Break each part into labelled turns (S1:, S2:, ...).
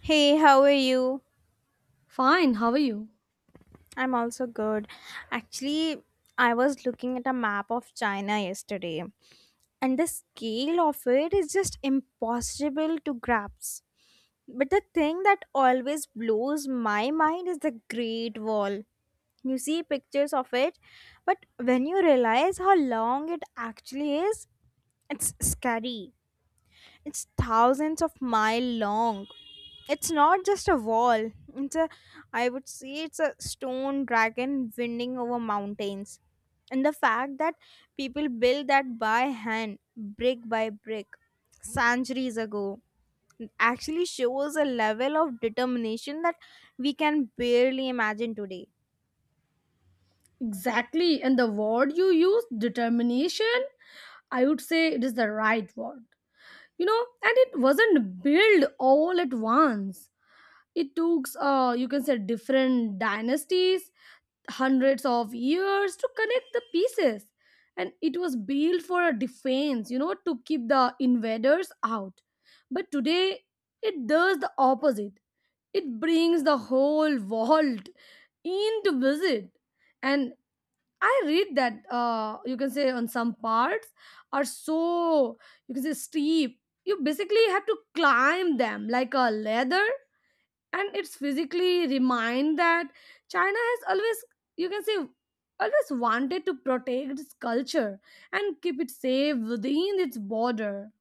S1: Hey, how are you?
S2: Fine, how are you?
S1: I'm also good. Actually, I was looking at a map of China yesterday, and the scale of it is just impossible to grasp. But the thing that always blows my mind is the Great Wall. You see pictures of it, but when you realize how long it actually is, it's scary. It's thousands of mile long. It's not just a wall. It's a I would say it's a stone dragon winding over mountains. And the fact that people built that by hand, brick by brick, centuries ago actually shows a level of determination that we can barely imagine today.
S2: Exactly. And the word you used, determination, I would say it is the right word. You know, and it wasn't built all at once. It took, you can say, different dynasties, hundreds of years to connect the pieces. And it was built for a defense, to keep the invaders out. But today, it does the opposite. It brings the whole world in to visit. And I read that you can say on some parts are so, you can say, steep. You basically have to climb them like a ladder, and it's physically remind that China has always, you can say, always wanted to protect its culture and keep it safe within its border.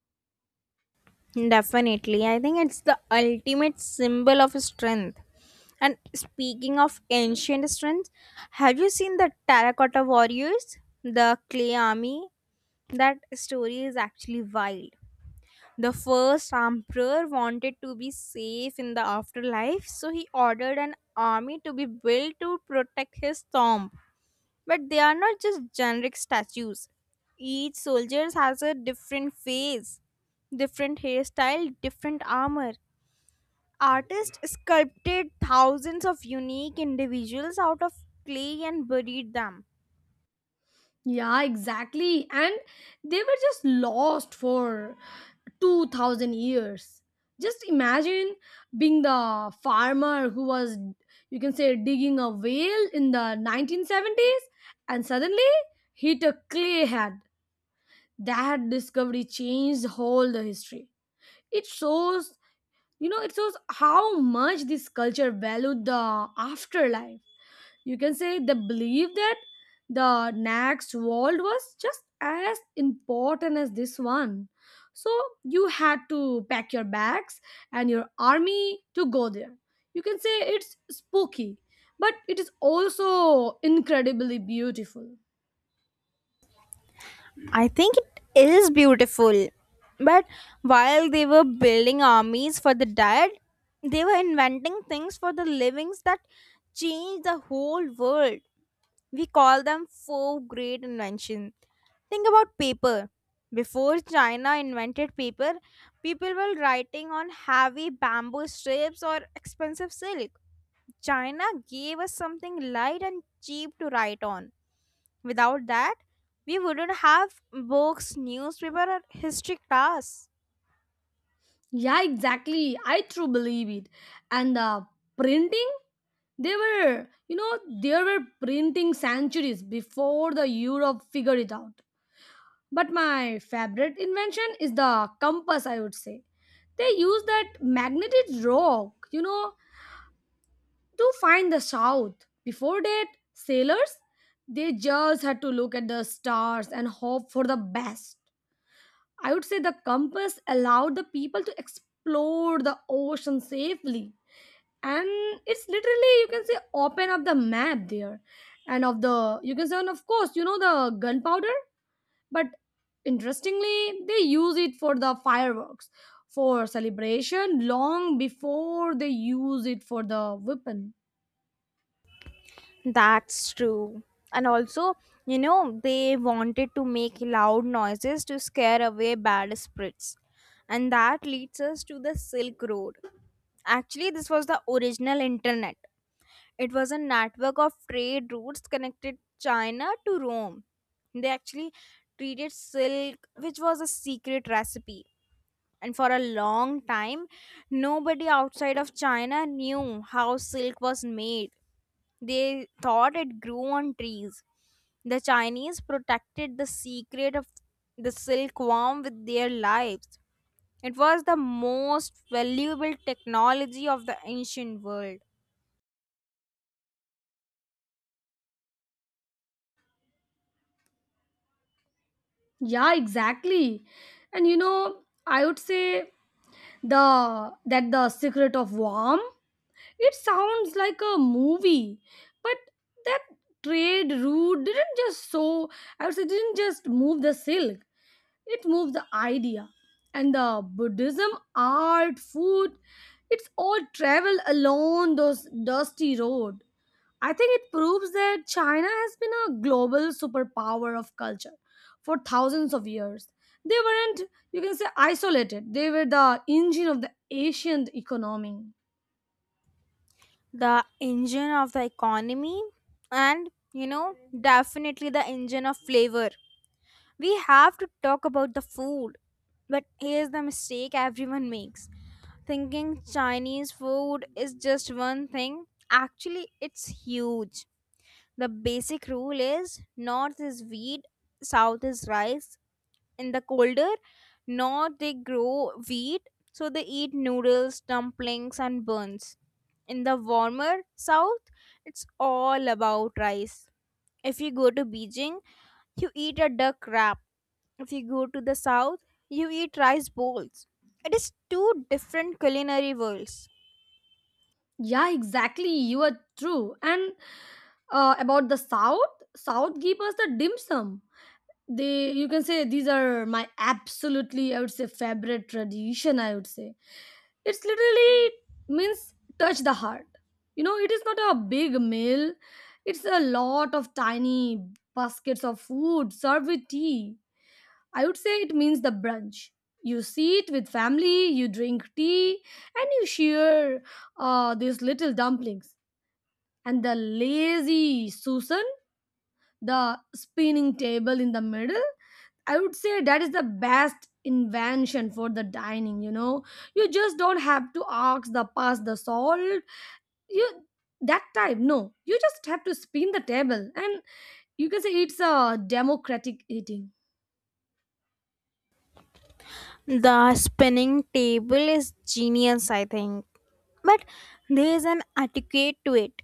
S1: Definitely. I think it's the ultimate symbol of strength. And speaking of ancient strength, have you seen the Terracotta Warriors? The clay army? That story is actually wild. The first emperor wanted to be safe in the afterlife, so he ordered an army to be built to protect his tomb. But they are not just generic statues. Each soldier has a different face, different hairstyle, different armor. Artists sculpted thousands of unique individuals out of clay and buried them.
S2: Yeah, exactly. And they were just lost for 2000 years. Just imagine being the farmer who was, you can say, digging a well in the 1970s, and suddenly hit a clay head. That discovery changed whole the history. It shows you know it shows how much this culture valued the afterlife. You can say they believe that the next world was just as important as this one. So you had to pack your bags and your army to go there. You can say it's spooky, but it is also incredibly beautiful.
S1: I think it is beautiful. But while they were building armies for the dead, they were inventing things for the livings that changed the whole world. We call them four great inventions. Think about paper. Before China invented paper, people were writing on heavy bamboo strips or expensive silk. China gave us something light and cheap to write on. Without that, we wouldn't have books, newspaper, or history class.
S2: Yeah, exactly. I truly believe it. And the printing, they were you know there were printing centuries before the Europe figured it out. But my favorite invention is the compass, I would say. They use that magnetic rock, to find the south. Before that, sailors, they just had to look at the stars and hope for the best. I would say the compass allowed the people to explore the ocean safely. And it's literally, you can say, open up the map there. You can say, and of course, the gunpowder. But interestingly, they use it for the fireworks for celebration long before they use it for the weapon.
S1: That's true. And also, you know, they wanted to make loud noises to scare away bad spirits. And that leads us to the Silk Road. Actually, this was the original internet. It was a network of trade routes connected China to Rome. They actually treated silk, which was a secret recipe. And for a long time, nobody outside of China knew how silk was made. They thought it grew on trees. The Chinese protected the secret of the silkworm with their lives. It was the most valuable technology of the ancient world.
S2: Yeah, exactly. And I would say the that the secret of warm, it sounds like a movie. But that trade route didn't just so I would say didn't just move the silk. It moves the idea. And the Buddhism, art, food, it's all travel along those dusty road. I think it proves that China has been a global superpower of culture for thousands of years. They weren't, you can say, isolated. They were the engine of the ancient economy.
S1: The engine of the economy, and, you know, definitely the engine of flavor. We have to talk about the food. But here's the mistake everyone makes: thinking chinese food is just one thing. Actually, it's huge. The basic rule is north is wheat, south is rice. In the colder north they grow wheat, so they eat noodles, dumplings, and buns. In the warmer south, it's all about rice. If you go to beijing, you eat a duck wrap. If you go to the south, you eat rice bowls. It is two different culinary worlds.
S2: Yeah, exactly. You are true. And about the South, South give us the dim sum. They, you can say, these are my absolutely, I would say, favorite tradition, I would say. It's literally means touch the heart. You know, it is not a big meal. It's a lot of tiny baskets of food served with tea. I would say it means the brunch. You sit with family, you drink tea, and you share these little dumplings. And the lazy susan, the spinning table in the middle, I would say that is the best invention for the dining. You know, you just don't have to ask the pass the salt. You, that type, no, you just have to spin the table, and you can say it's a democratic eating.
S1: The spinning table is genius, I think. But there is an etiquette to it.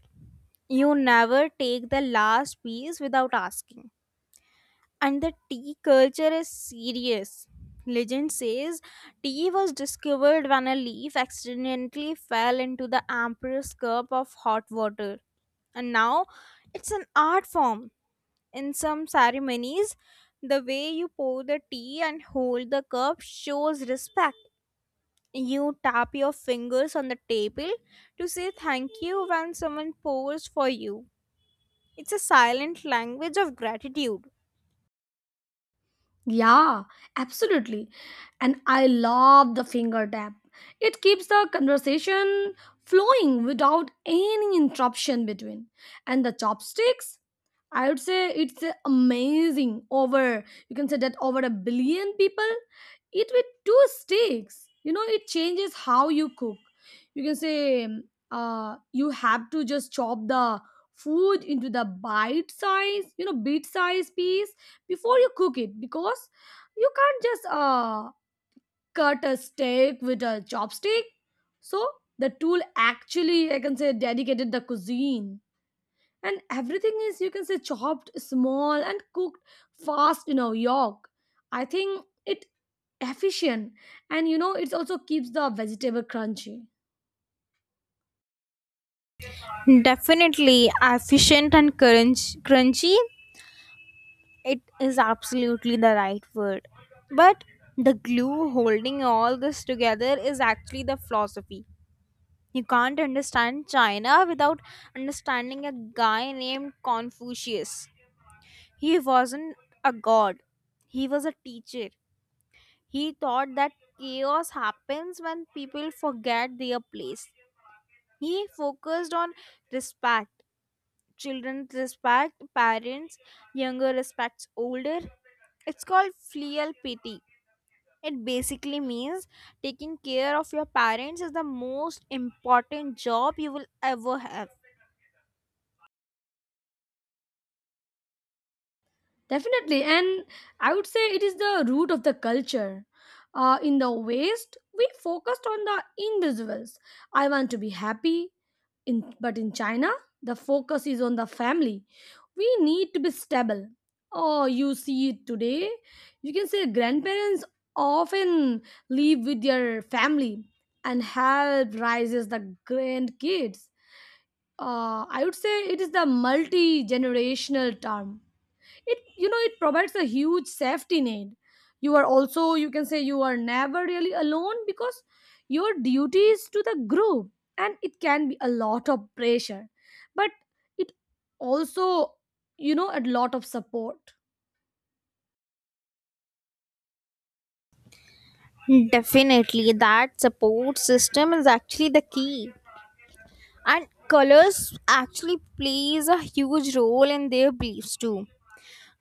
S1: You never take the last piece without asking. And the tea culture is serious. Legend says tea was discovered when a leaf accidentally fell into the emperor's cup of hot water. And now it's an art form. In some ceremonies, the way you pour the tea and hold the cup shows respect. You tap your fingers on the table to say thank you when someone pours for you. It's a silent language of gratitude.
S2: Yeah, absolutely. And I love the finger tap. It keeps the conversation flowing without any interruption between. And the chopsticks, I would say it's amazing. Over, you can say, that over a billion people eat with two sticks. You know, it changes how you cook. You can say you have to just chop the food into the bite size, you know, bit size piece before you cook it because you can't just cut a steak with a chopstick. So the tool actually, I can say, dedicated the cuisine, and everything is, you can say, chopped small and cooked fast in a york. I think it efficient, and you know, it also keeps the vegetable crunchy.
S1: Definitely efficient and crunchy, it is absolutely the right word. But the glue holding all this together is actually the philosophy. You can't understand China without understanding a guy named Confucius. He wasn't a god, he was a teacher. He thought that chaos happens when people forget their place. He focused on respect. Children respect parents, younger respects older. It's called filial piety. It basically means taking care of your parents is the most important job you will ever have.
S2: Definitely. And I would say it is the root of the culture. In the West, we focused on the individuals. I want to be happy. In, but in China, the focus is on the family. We need to be stable. Oh, you see it today. You can say grandparents often live with their family and help raises the grandkids. I would say it is the multi generational term. It, you know, it provides a huge safety net. You are also, you can say, you are never really alone because your duty is to the group, and it can be a lot of pressure, but it also, you know, a lot of support.
S1: Definitely, that support system is actually the key. And colors actually plays a huge role in their beliefs too.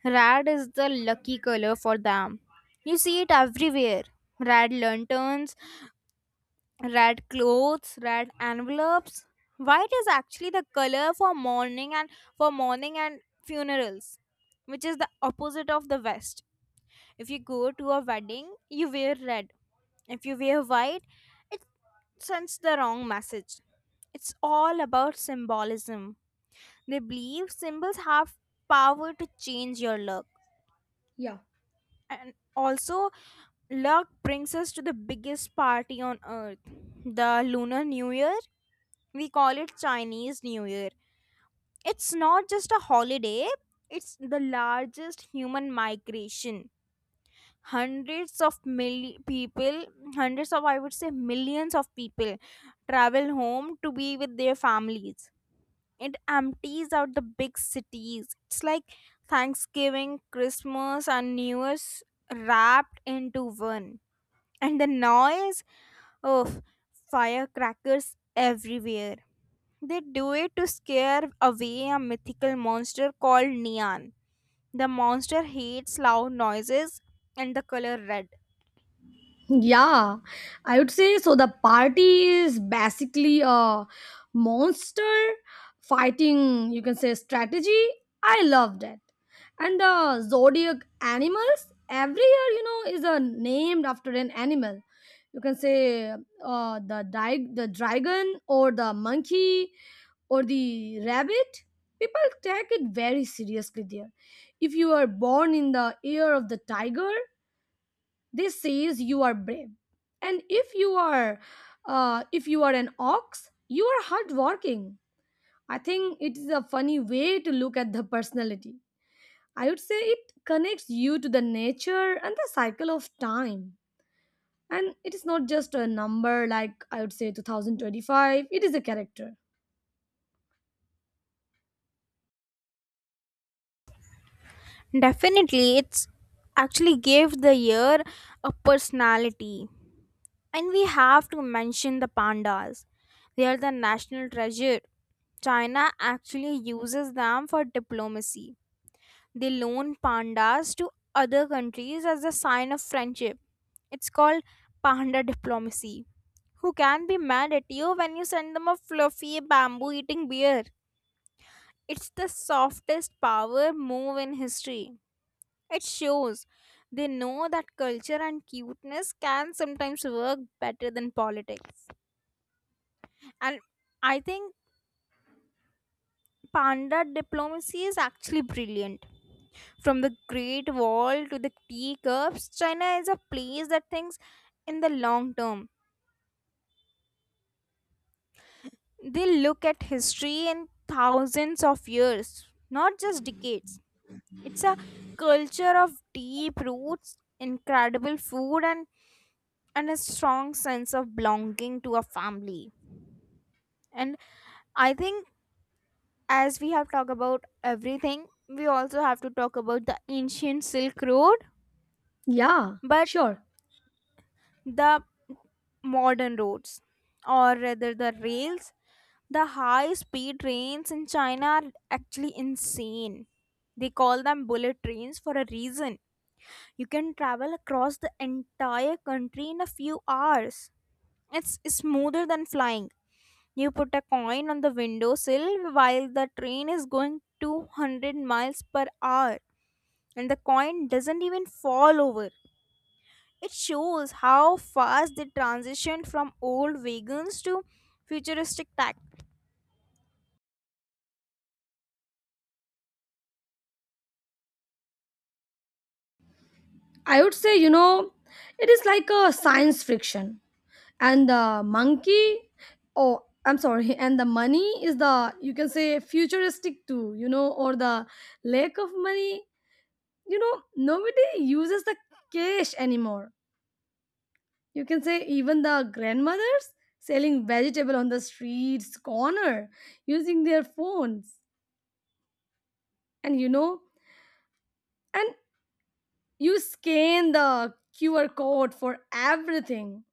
S1: Red is the lucky color for them. You see it everywhere. Red lanterns, red clothes, red envelopes. White is actually the color for mourning and funerals, which is the opposite of the West. If you go to a wedding, you wear red. If you wear white, it sends the wrong message. It's all about symbolism. They believe symbols have power to change your luck.
S2: Yeah.
S1: And also, luck brings us to the biggest party on earth, the Lunar New Year. We call it Chinese New Year. It's not just a holiday, it's the largest human migration. Hundreds of mil- people, hundreds of, I would say, millions of people travel home to be with their families. It empties out the big cities. It's like Thanksgiving, Christmas, and New Year's wrapped into one. And the noise of firecrackers everywhere, they do it to scare away a mythical monster called Neon. The monster hates loud noises and the color red.
S2: Yeah, I would say so. The party is basically a monster fighting, you can say, strategy. I loved it. And the zodiac animals, every year, you know, is named after an animal. You can say the dragon or the monkey or the rabbit. People take it very seriously there. If you are born in the year of the tiger, this says you are brave, and if you are an ox, you are hardworking. I think it is a funny way to look at the personality. I would say it connects you to the nature and the cycle of time, and it is not just a number, like I would say 2025, it is a character.
S1: Definitely, it's actually gave the year a personality. And we have to mention the pandas. They are the national treasure. China actually uses them for diplomacy. They loan pandas to other countries as a sign of friendship. It's called panda diplomacy. Who can be mad at you when you send them a fluffy bamboo eating bear? It's the softest power move in history. It shows they know that culture and cuteness can sometimes work better than politics. And I think panda diplomacy is actually brilliant. From the Great Wall to the teacups, China is a place that thinks in the long term. They look at history in thousands of years, not just decades. It's a culture of deep roots, incredible food, and a strong sense of belonging to a family. And I think, as we have talked about everything, we also have to talk about the ancient Silk Road,
S2: Yeah,
S1: but
S2: sure.
S1: the modern roads, or rather the rails. The high speed trains in China are actually insane. They call them bullet trains for a reason. You can travel across the entire country in a few hours. It's smoother than flying. You put a coin on the windowsill while the train is going 200 miles per hour, and the coin doesn't even fall over. It shows how fast they transitioned from old wagons to futuristic tech.
S2: I would say, you know, it is like a science fiction. And the monkey, oh, I'm sorry, and the money is the, you can say, futuristic too. You know, or the lack of money. You know, nobody uses the cash anymore. You can say even the grandmothers selling vegetable on the streets corner, using their phones. And you know and you scan the QR code for everything.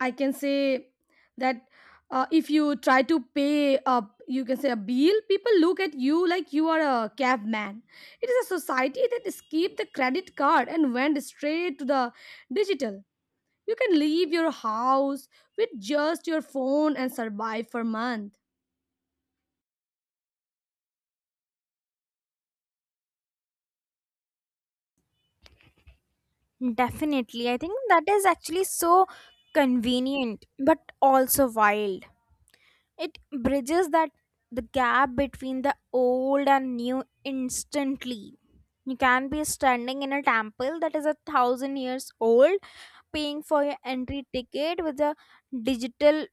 S2: I can say that if you try to pay up, you can say a bill, people look at you like you are a caveman. It is a society that skipped the credit card and went straight to the digital. You can leave your house with just your phone and survive for months.
S1: Definitely. I think that is actually so convenient but also wild. It bridges that the gap between the old and new instantly. You can be standing in a temple that is a thousand years old, paying for your entry ticket with a digital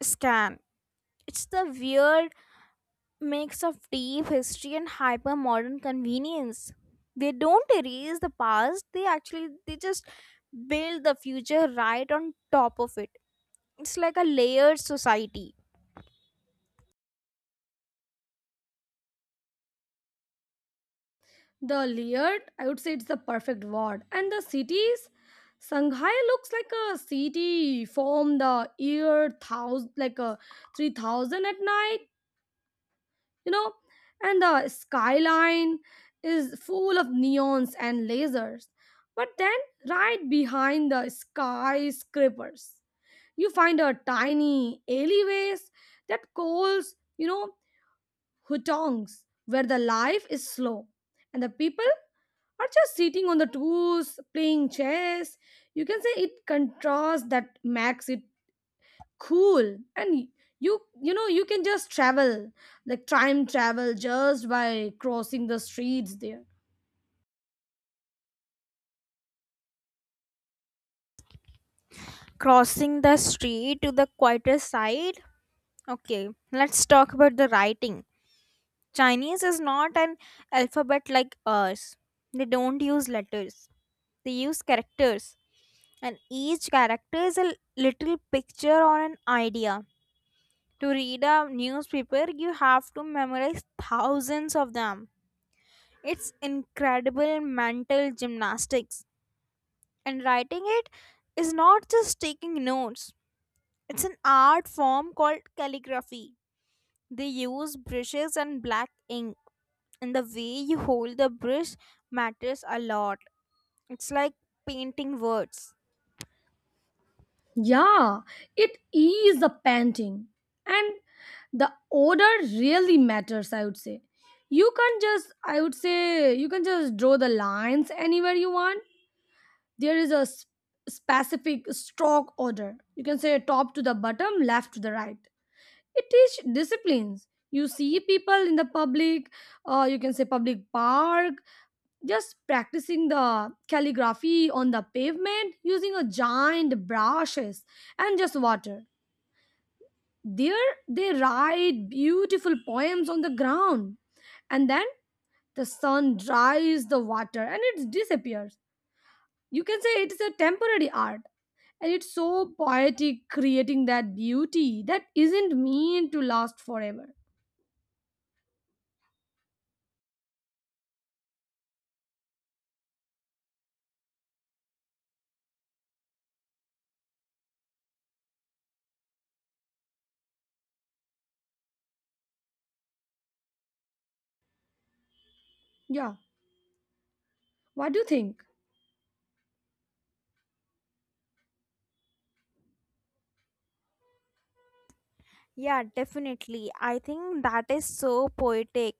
S1: scan. It's the weird mix of deep history and hyper modern convenience. They don't erase the past, they just build the future right on top of it. It's like a layered society.
S2: The layered, I would say it's the perfect word. And the cities, Shanghai looks like a city from the year thousand, like a 3000 at night, you know. And the skyline is full of neons and lasers. But then right behind the skyscrapers, you find a tiny alleyways that calls, you know, hutongs, where the life is slow, and the people are just sitting on the tools playing chess. You can say it contrasts that makes it cool. And you know you can just travel, like time travel, just by crossing the streets there.
S1: Crossing the street to the quieter side. Okay, let's talk about the writing. Chinese is not an alphabet like ours. They don't use letters, they use characters. And each character is a little picture or an idea. To read a newspaper you have to memorize thousands of them. It's incredible mental gymnastics. And writing it is not just taking notes, it's an art form called calligraphy. They use brushes and black ink, and the way you hold the brush matters a lot. It's like painting words.
S2: Yeah, it is a painting. And the order really matters, I would say. You can just, I would say, you can just draw the lines anywhere you want. There is a specific stroke order. You can say top to the bottom, left to the right. It teach disciplines. You see people in the public, you can say public park, just practicing the calligraphy on the pavement using a giant brushes and just water there. They write beautiful poems on the ground, and then the sun dries the water and it disappears. You can say it is a temporary art, and it's so poetic creating that beauty that isn't meant to last forever. Yeah, what do you think?
S1: Yeah, definitely. I think that is so poetic.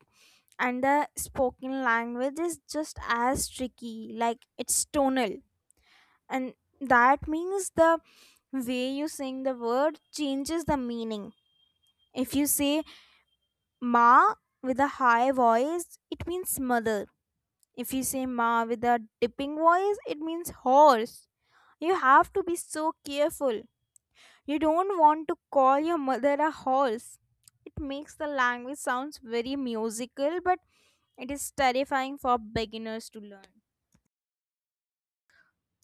S1: And the spoken language is just as tricky, like it's tonal. And that means the way you sing the word changes the meaning. If you say ma with a high voice, it means mother. If you say ma with a dipping voice, it means horse. You have to be so careful. You don't want to call your mother a horse. It makes the language sounds very musical, but it is terrifying for beginners to learn.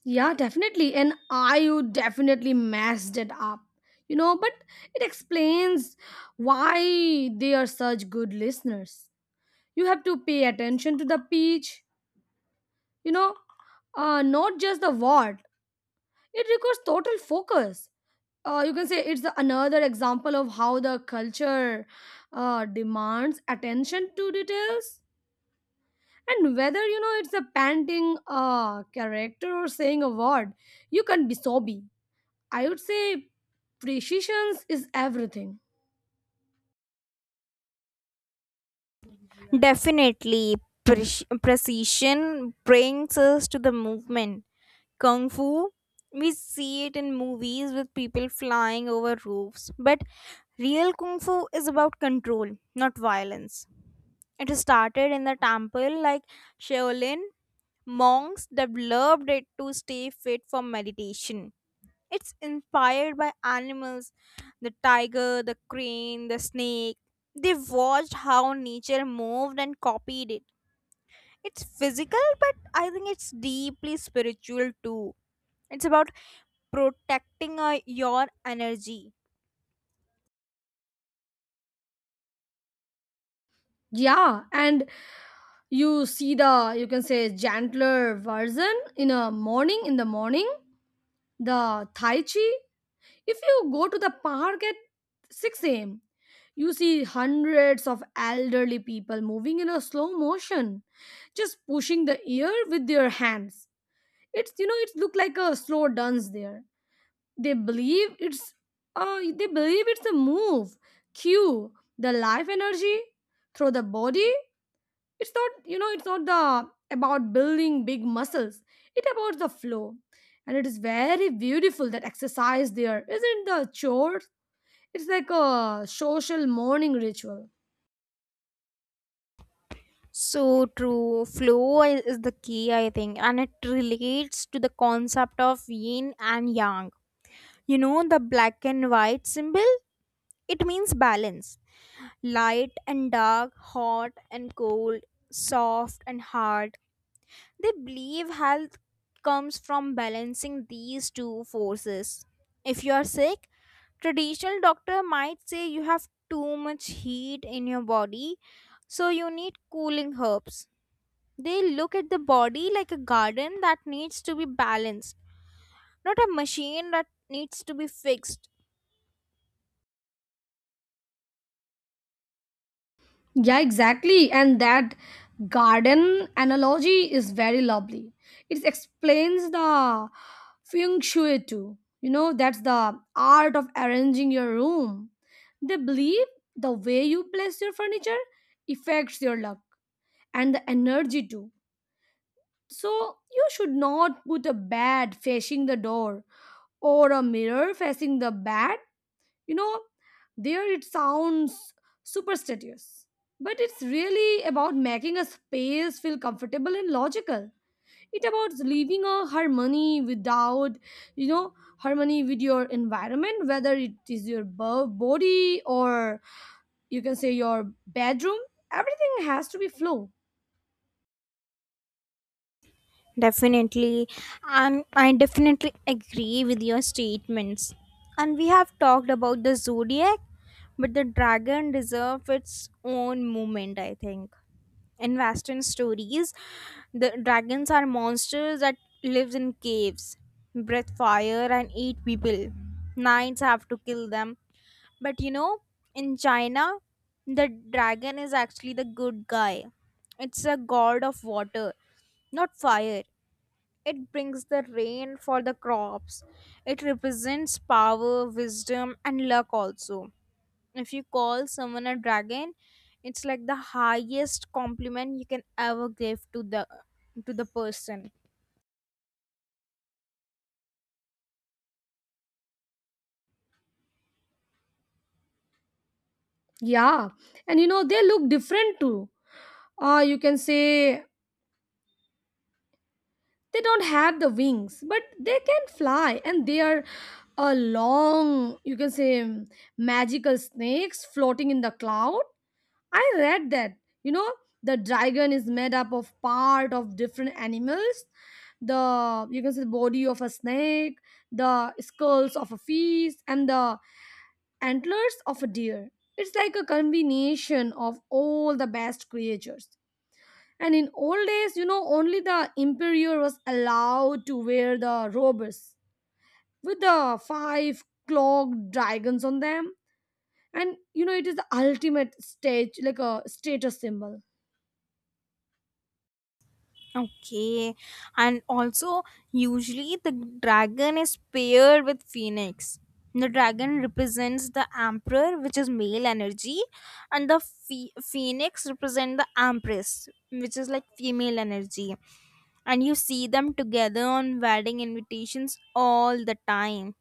S2: Yeah, definitely. And IU definitely messed it up. You know, but it explains why they are such good listeners. You have to pay attention to the pitch, you know, not just the word. It requires total focus. You can say it's another example of how the culture demands attention to details. And whether, you know, it's a panting character or saying a word, you can be sobby. I would say precisions is everything.
S1: Definitely, precision brings us to the movement. Kung Fu, we see it in movies with people flying over roofs, but real Kung Fu is about control, not violence. It started in the temple like Shaolin monks developed it to stay fit for meditation. It's inspired by animals, the tiger, the crane, the snake. They watched how nature moved and copied it. It's physical, but I think it's deeply spiritual too. It's about protecting your energy.
S2: Yeah, and you see the, you can say, gentler version in a morning, in the morning, the tai chi. If you go to the park at 6 a.m., you see hundreds of elderly people moving in a slow motion, just pushing the air with their hands. It's, you know, it's look like a slow dance there. They believe it's a move cue the life energy through the body. It's not, you know, it's not the about building big muscles. It about the flow, and it is very beautiful. That exercise there isn't the chore. It's like a social morning ritual.
S1: So true. Flow is the key, I think, and it relates to the concept of yin and yang. You know the black and white symbol? It means balance. Light and dark, hot and cold, soft and hard. They believe health comes from balancing these two forces. If you are sick, traditional doctor might say you have too much heat in your body, so you need cooling herbs. They look at the body like a garden that needs to be balanced, not a machine that needs to be fixed.
S2: Yeah, exactly. And that garden analogy is very lovely. It explains the feng shui too. You know, that's the art of arranging your room. They believe the way you place your furniture affects your luck and the energy too. So, you should not put a bed facing the door or a mirror facing the bed. You know, there it sounds superstitious, but it's really about making a space feel comfortable and logical. It about living a harmony without, you know, harmony with your environment, whether it is your body or, you can say, your bedroom. Everything has to be flow.
S1: Definitely, and I definitely agree with your statements. And we have talked about the zodiac, but the dragon deserves its own moment, I think. In Western stories, the dragons are monsters that live in caves, breathe fire, and eat people. Knights have to kill them. But you know, in China, the dragon is actually the good guy. It's a god of water, not fire. It brings the rain for the crops. It represents power, wisdom, and luck also. If you call someone a dragon, it's like the highest compliment you can ever give to the person.
S2: Yeah, and you know they look different too, you can say. They don't have the wings, but they can fly, and they are a long, you can say, magical snakes floating in the cloud. I read that. You know, the dragon is made up of part of different animals. The, you can say, the body of a snake, the skulls of a fish, and the antlers of a deer. It's like a combination of all the best creatures. And in old days, you know, only the emperor was allowed to wear the robes with the five clocked dragons on them. And you know, it is the ultimate stage, like a status symbol.
S1: Okay. And also usually the dragon is paired with phoenix. The dragon represents the emperor, which is male energy, and the phoenix represent the empress, which is like female energy, and you see them together on wedding invitations all the time.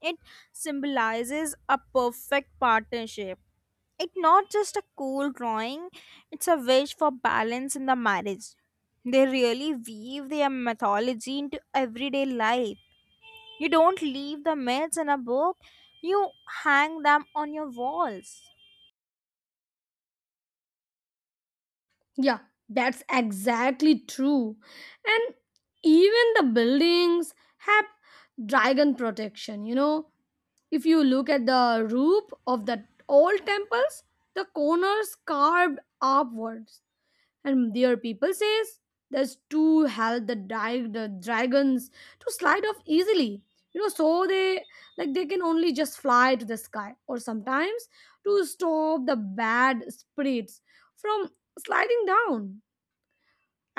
S1: It symbolizes a perfect partnership. It's not just a cool drawing, it's a wish for balance in the marriage. They really weave their mythology into everyday life. You don't leave the myths in a book, you hang them on your walls.
S2: Yeah, that's exactly true. And even the buildings have dragon protection. You know, if you look at the roof of the old temples, the corners carved upwards, and their people says that's to help the, the dragons to slide off easily. You know, so they, like, they can only just fly to the sky, or sometimes to stop the bad spirits from sliding down.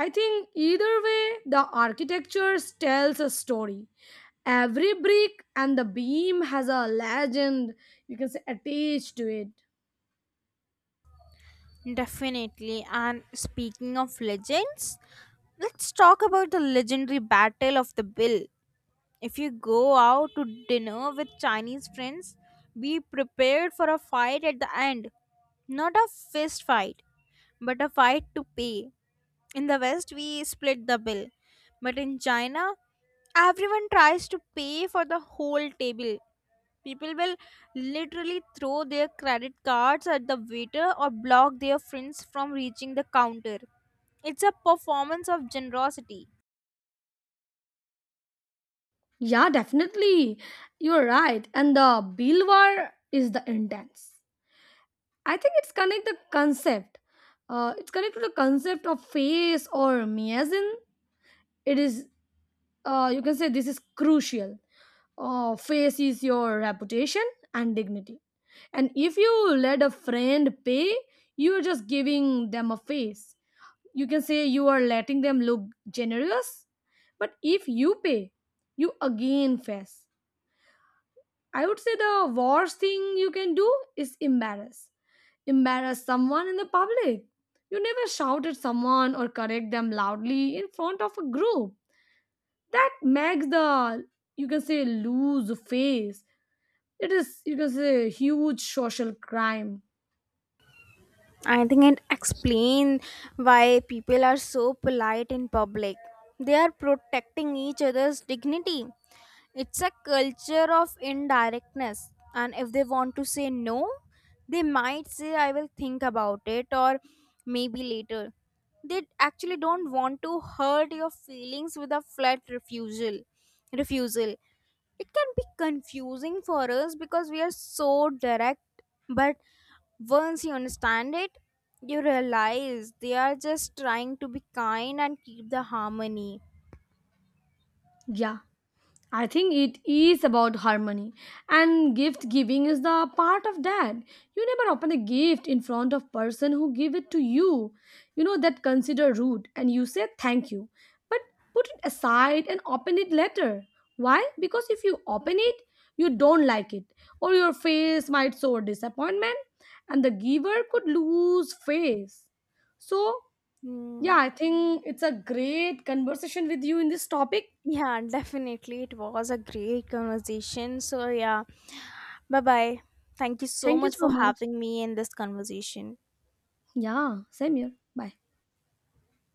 S2: I think either way the architecture tells a story. Every brick and the beam has a legend, you can say, attached to it.
S1: Definitely. And speaking of legends, let's talk about the legendary Battle of the Bill. If you go out to dinner with Chinese friends, be prepared for a fight at the end. Not a fist fight, but a fight to pay. In the West, we split the bill. But in China, everyone tries to pay for the whole table. People will literally throw their credit cards at the waiter or block their friends from reaching the counter. It's a performance of generosity.
S2: Yeah, definitely. You're right. And the Bilwar is the intense. I think it's connect the concept. It's connected to the concept of face or miasm. It is, you can say, this is crucial. Face is your reputation and dignity. And if you let a friend pay, you are just giving them a face. You can say you are letting them look generous. But if you pay, you again face. I would say the worst thing you can do is embarrass someone in the public. You never shout at someone or correct them loudly in front of a group. That makes the, you can say, lose face. It is, you can say, huge social crime.
S1: I think it explains why people are so polite in public. They are protecting each other's dignity. It's a culture of indirectness. And if they want to say no, they might say, I will think about it, or maybe later. They actually don't want to hurt your feelings with a flat refusal. It can be confusing for us because we are so direct, but once you understand it, you realize they are just trying to be kind and keep the harmony.
S2: Yeah. I think it is about harmony, and gift giving is the part of that. You never open a gift in front of person who give it to you. You know that consider rude, and you say thank you, but put it aside and open it later. Why? Because if you open it, you don't like it, or your face might show disappointment, and the giver could lose face. So yeah,
S1: Hmm.
S2: I think it's a great conversation with you in this topic.
S1: Yeah, definitely it was a great conversation, so yeah. Bye bye. Thank you so
S2: Thank you
S1: much
S2: so
S1: for
S2: much.
S1: having me in this conversation.
S2: Yeah, same here. Bye.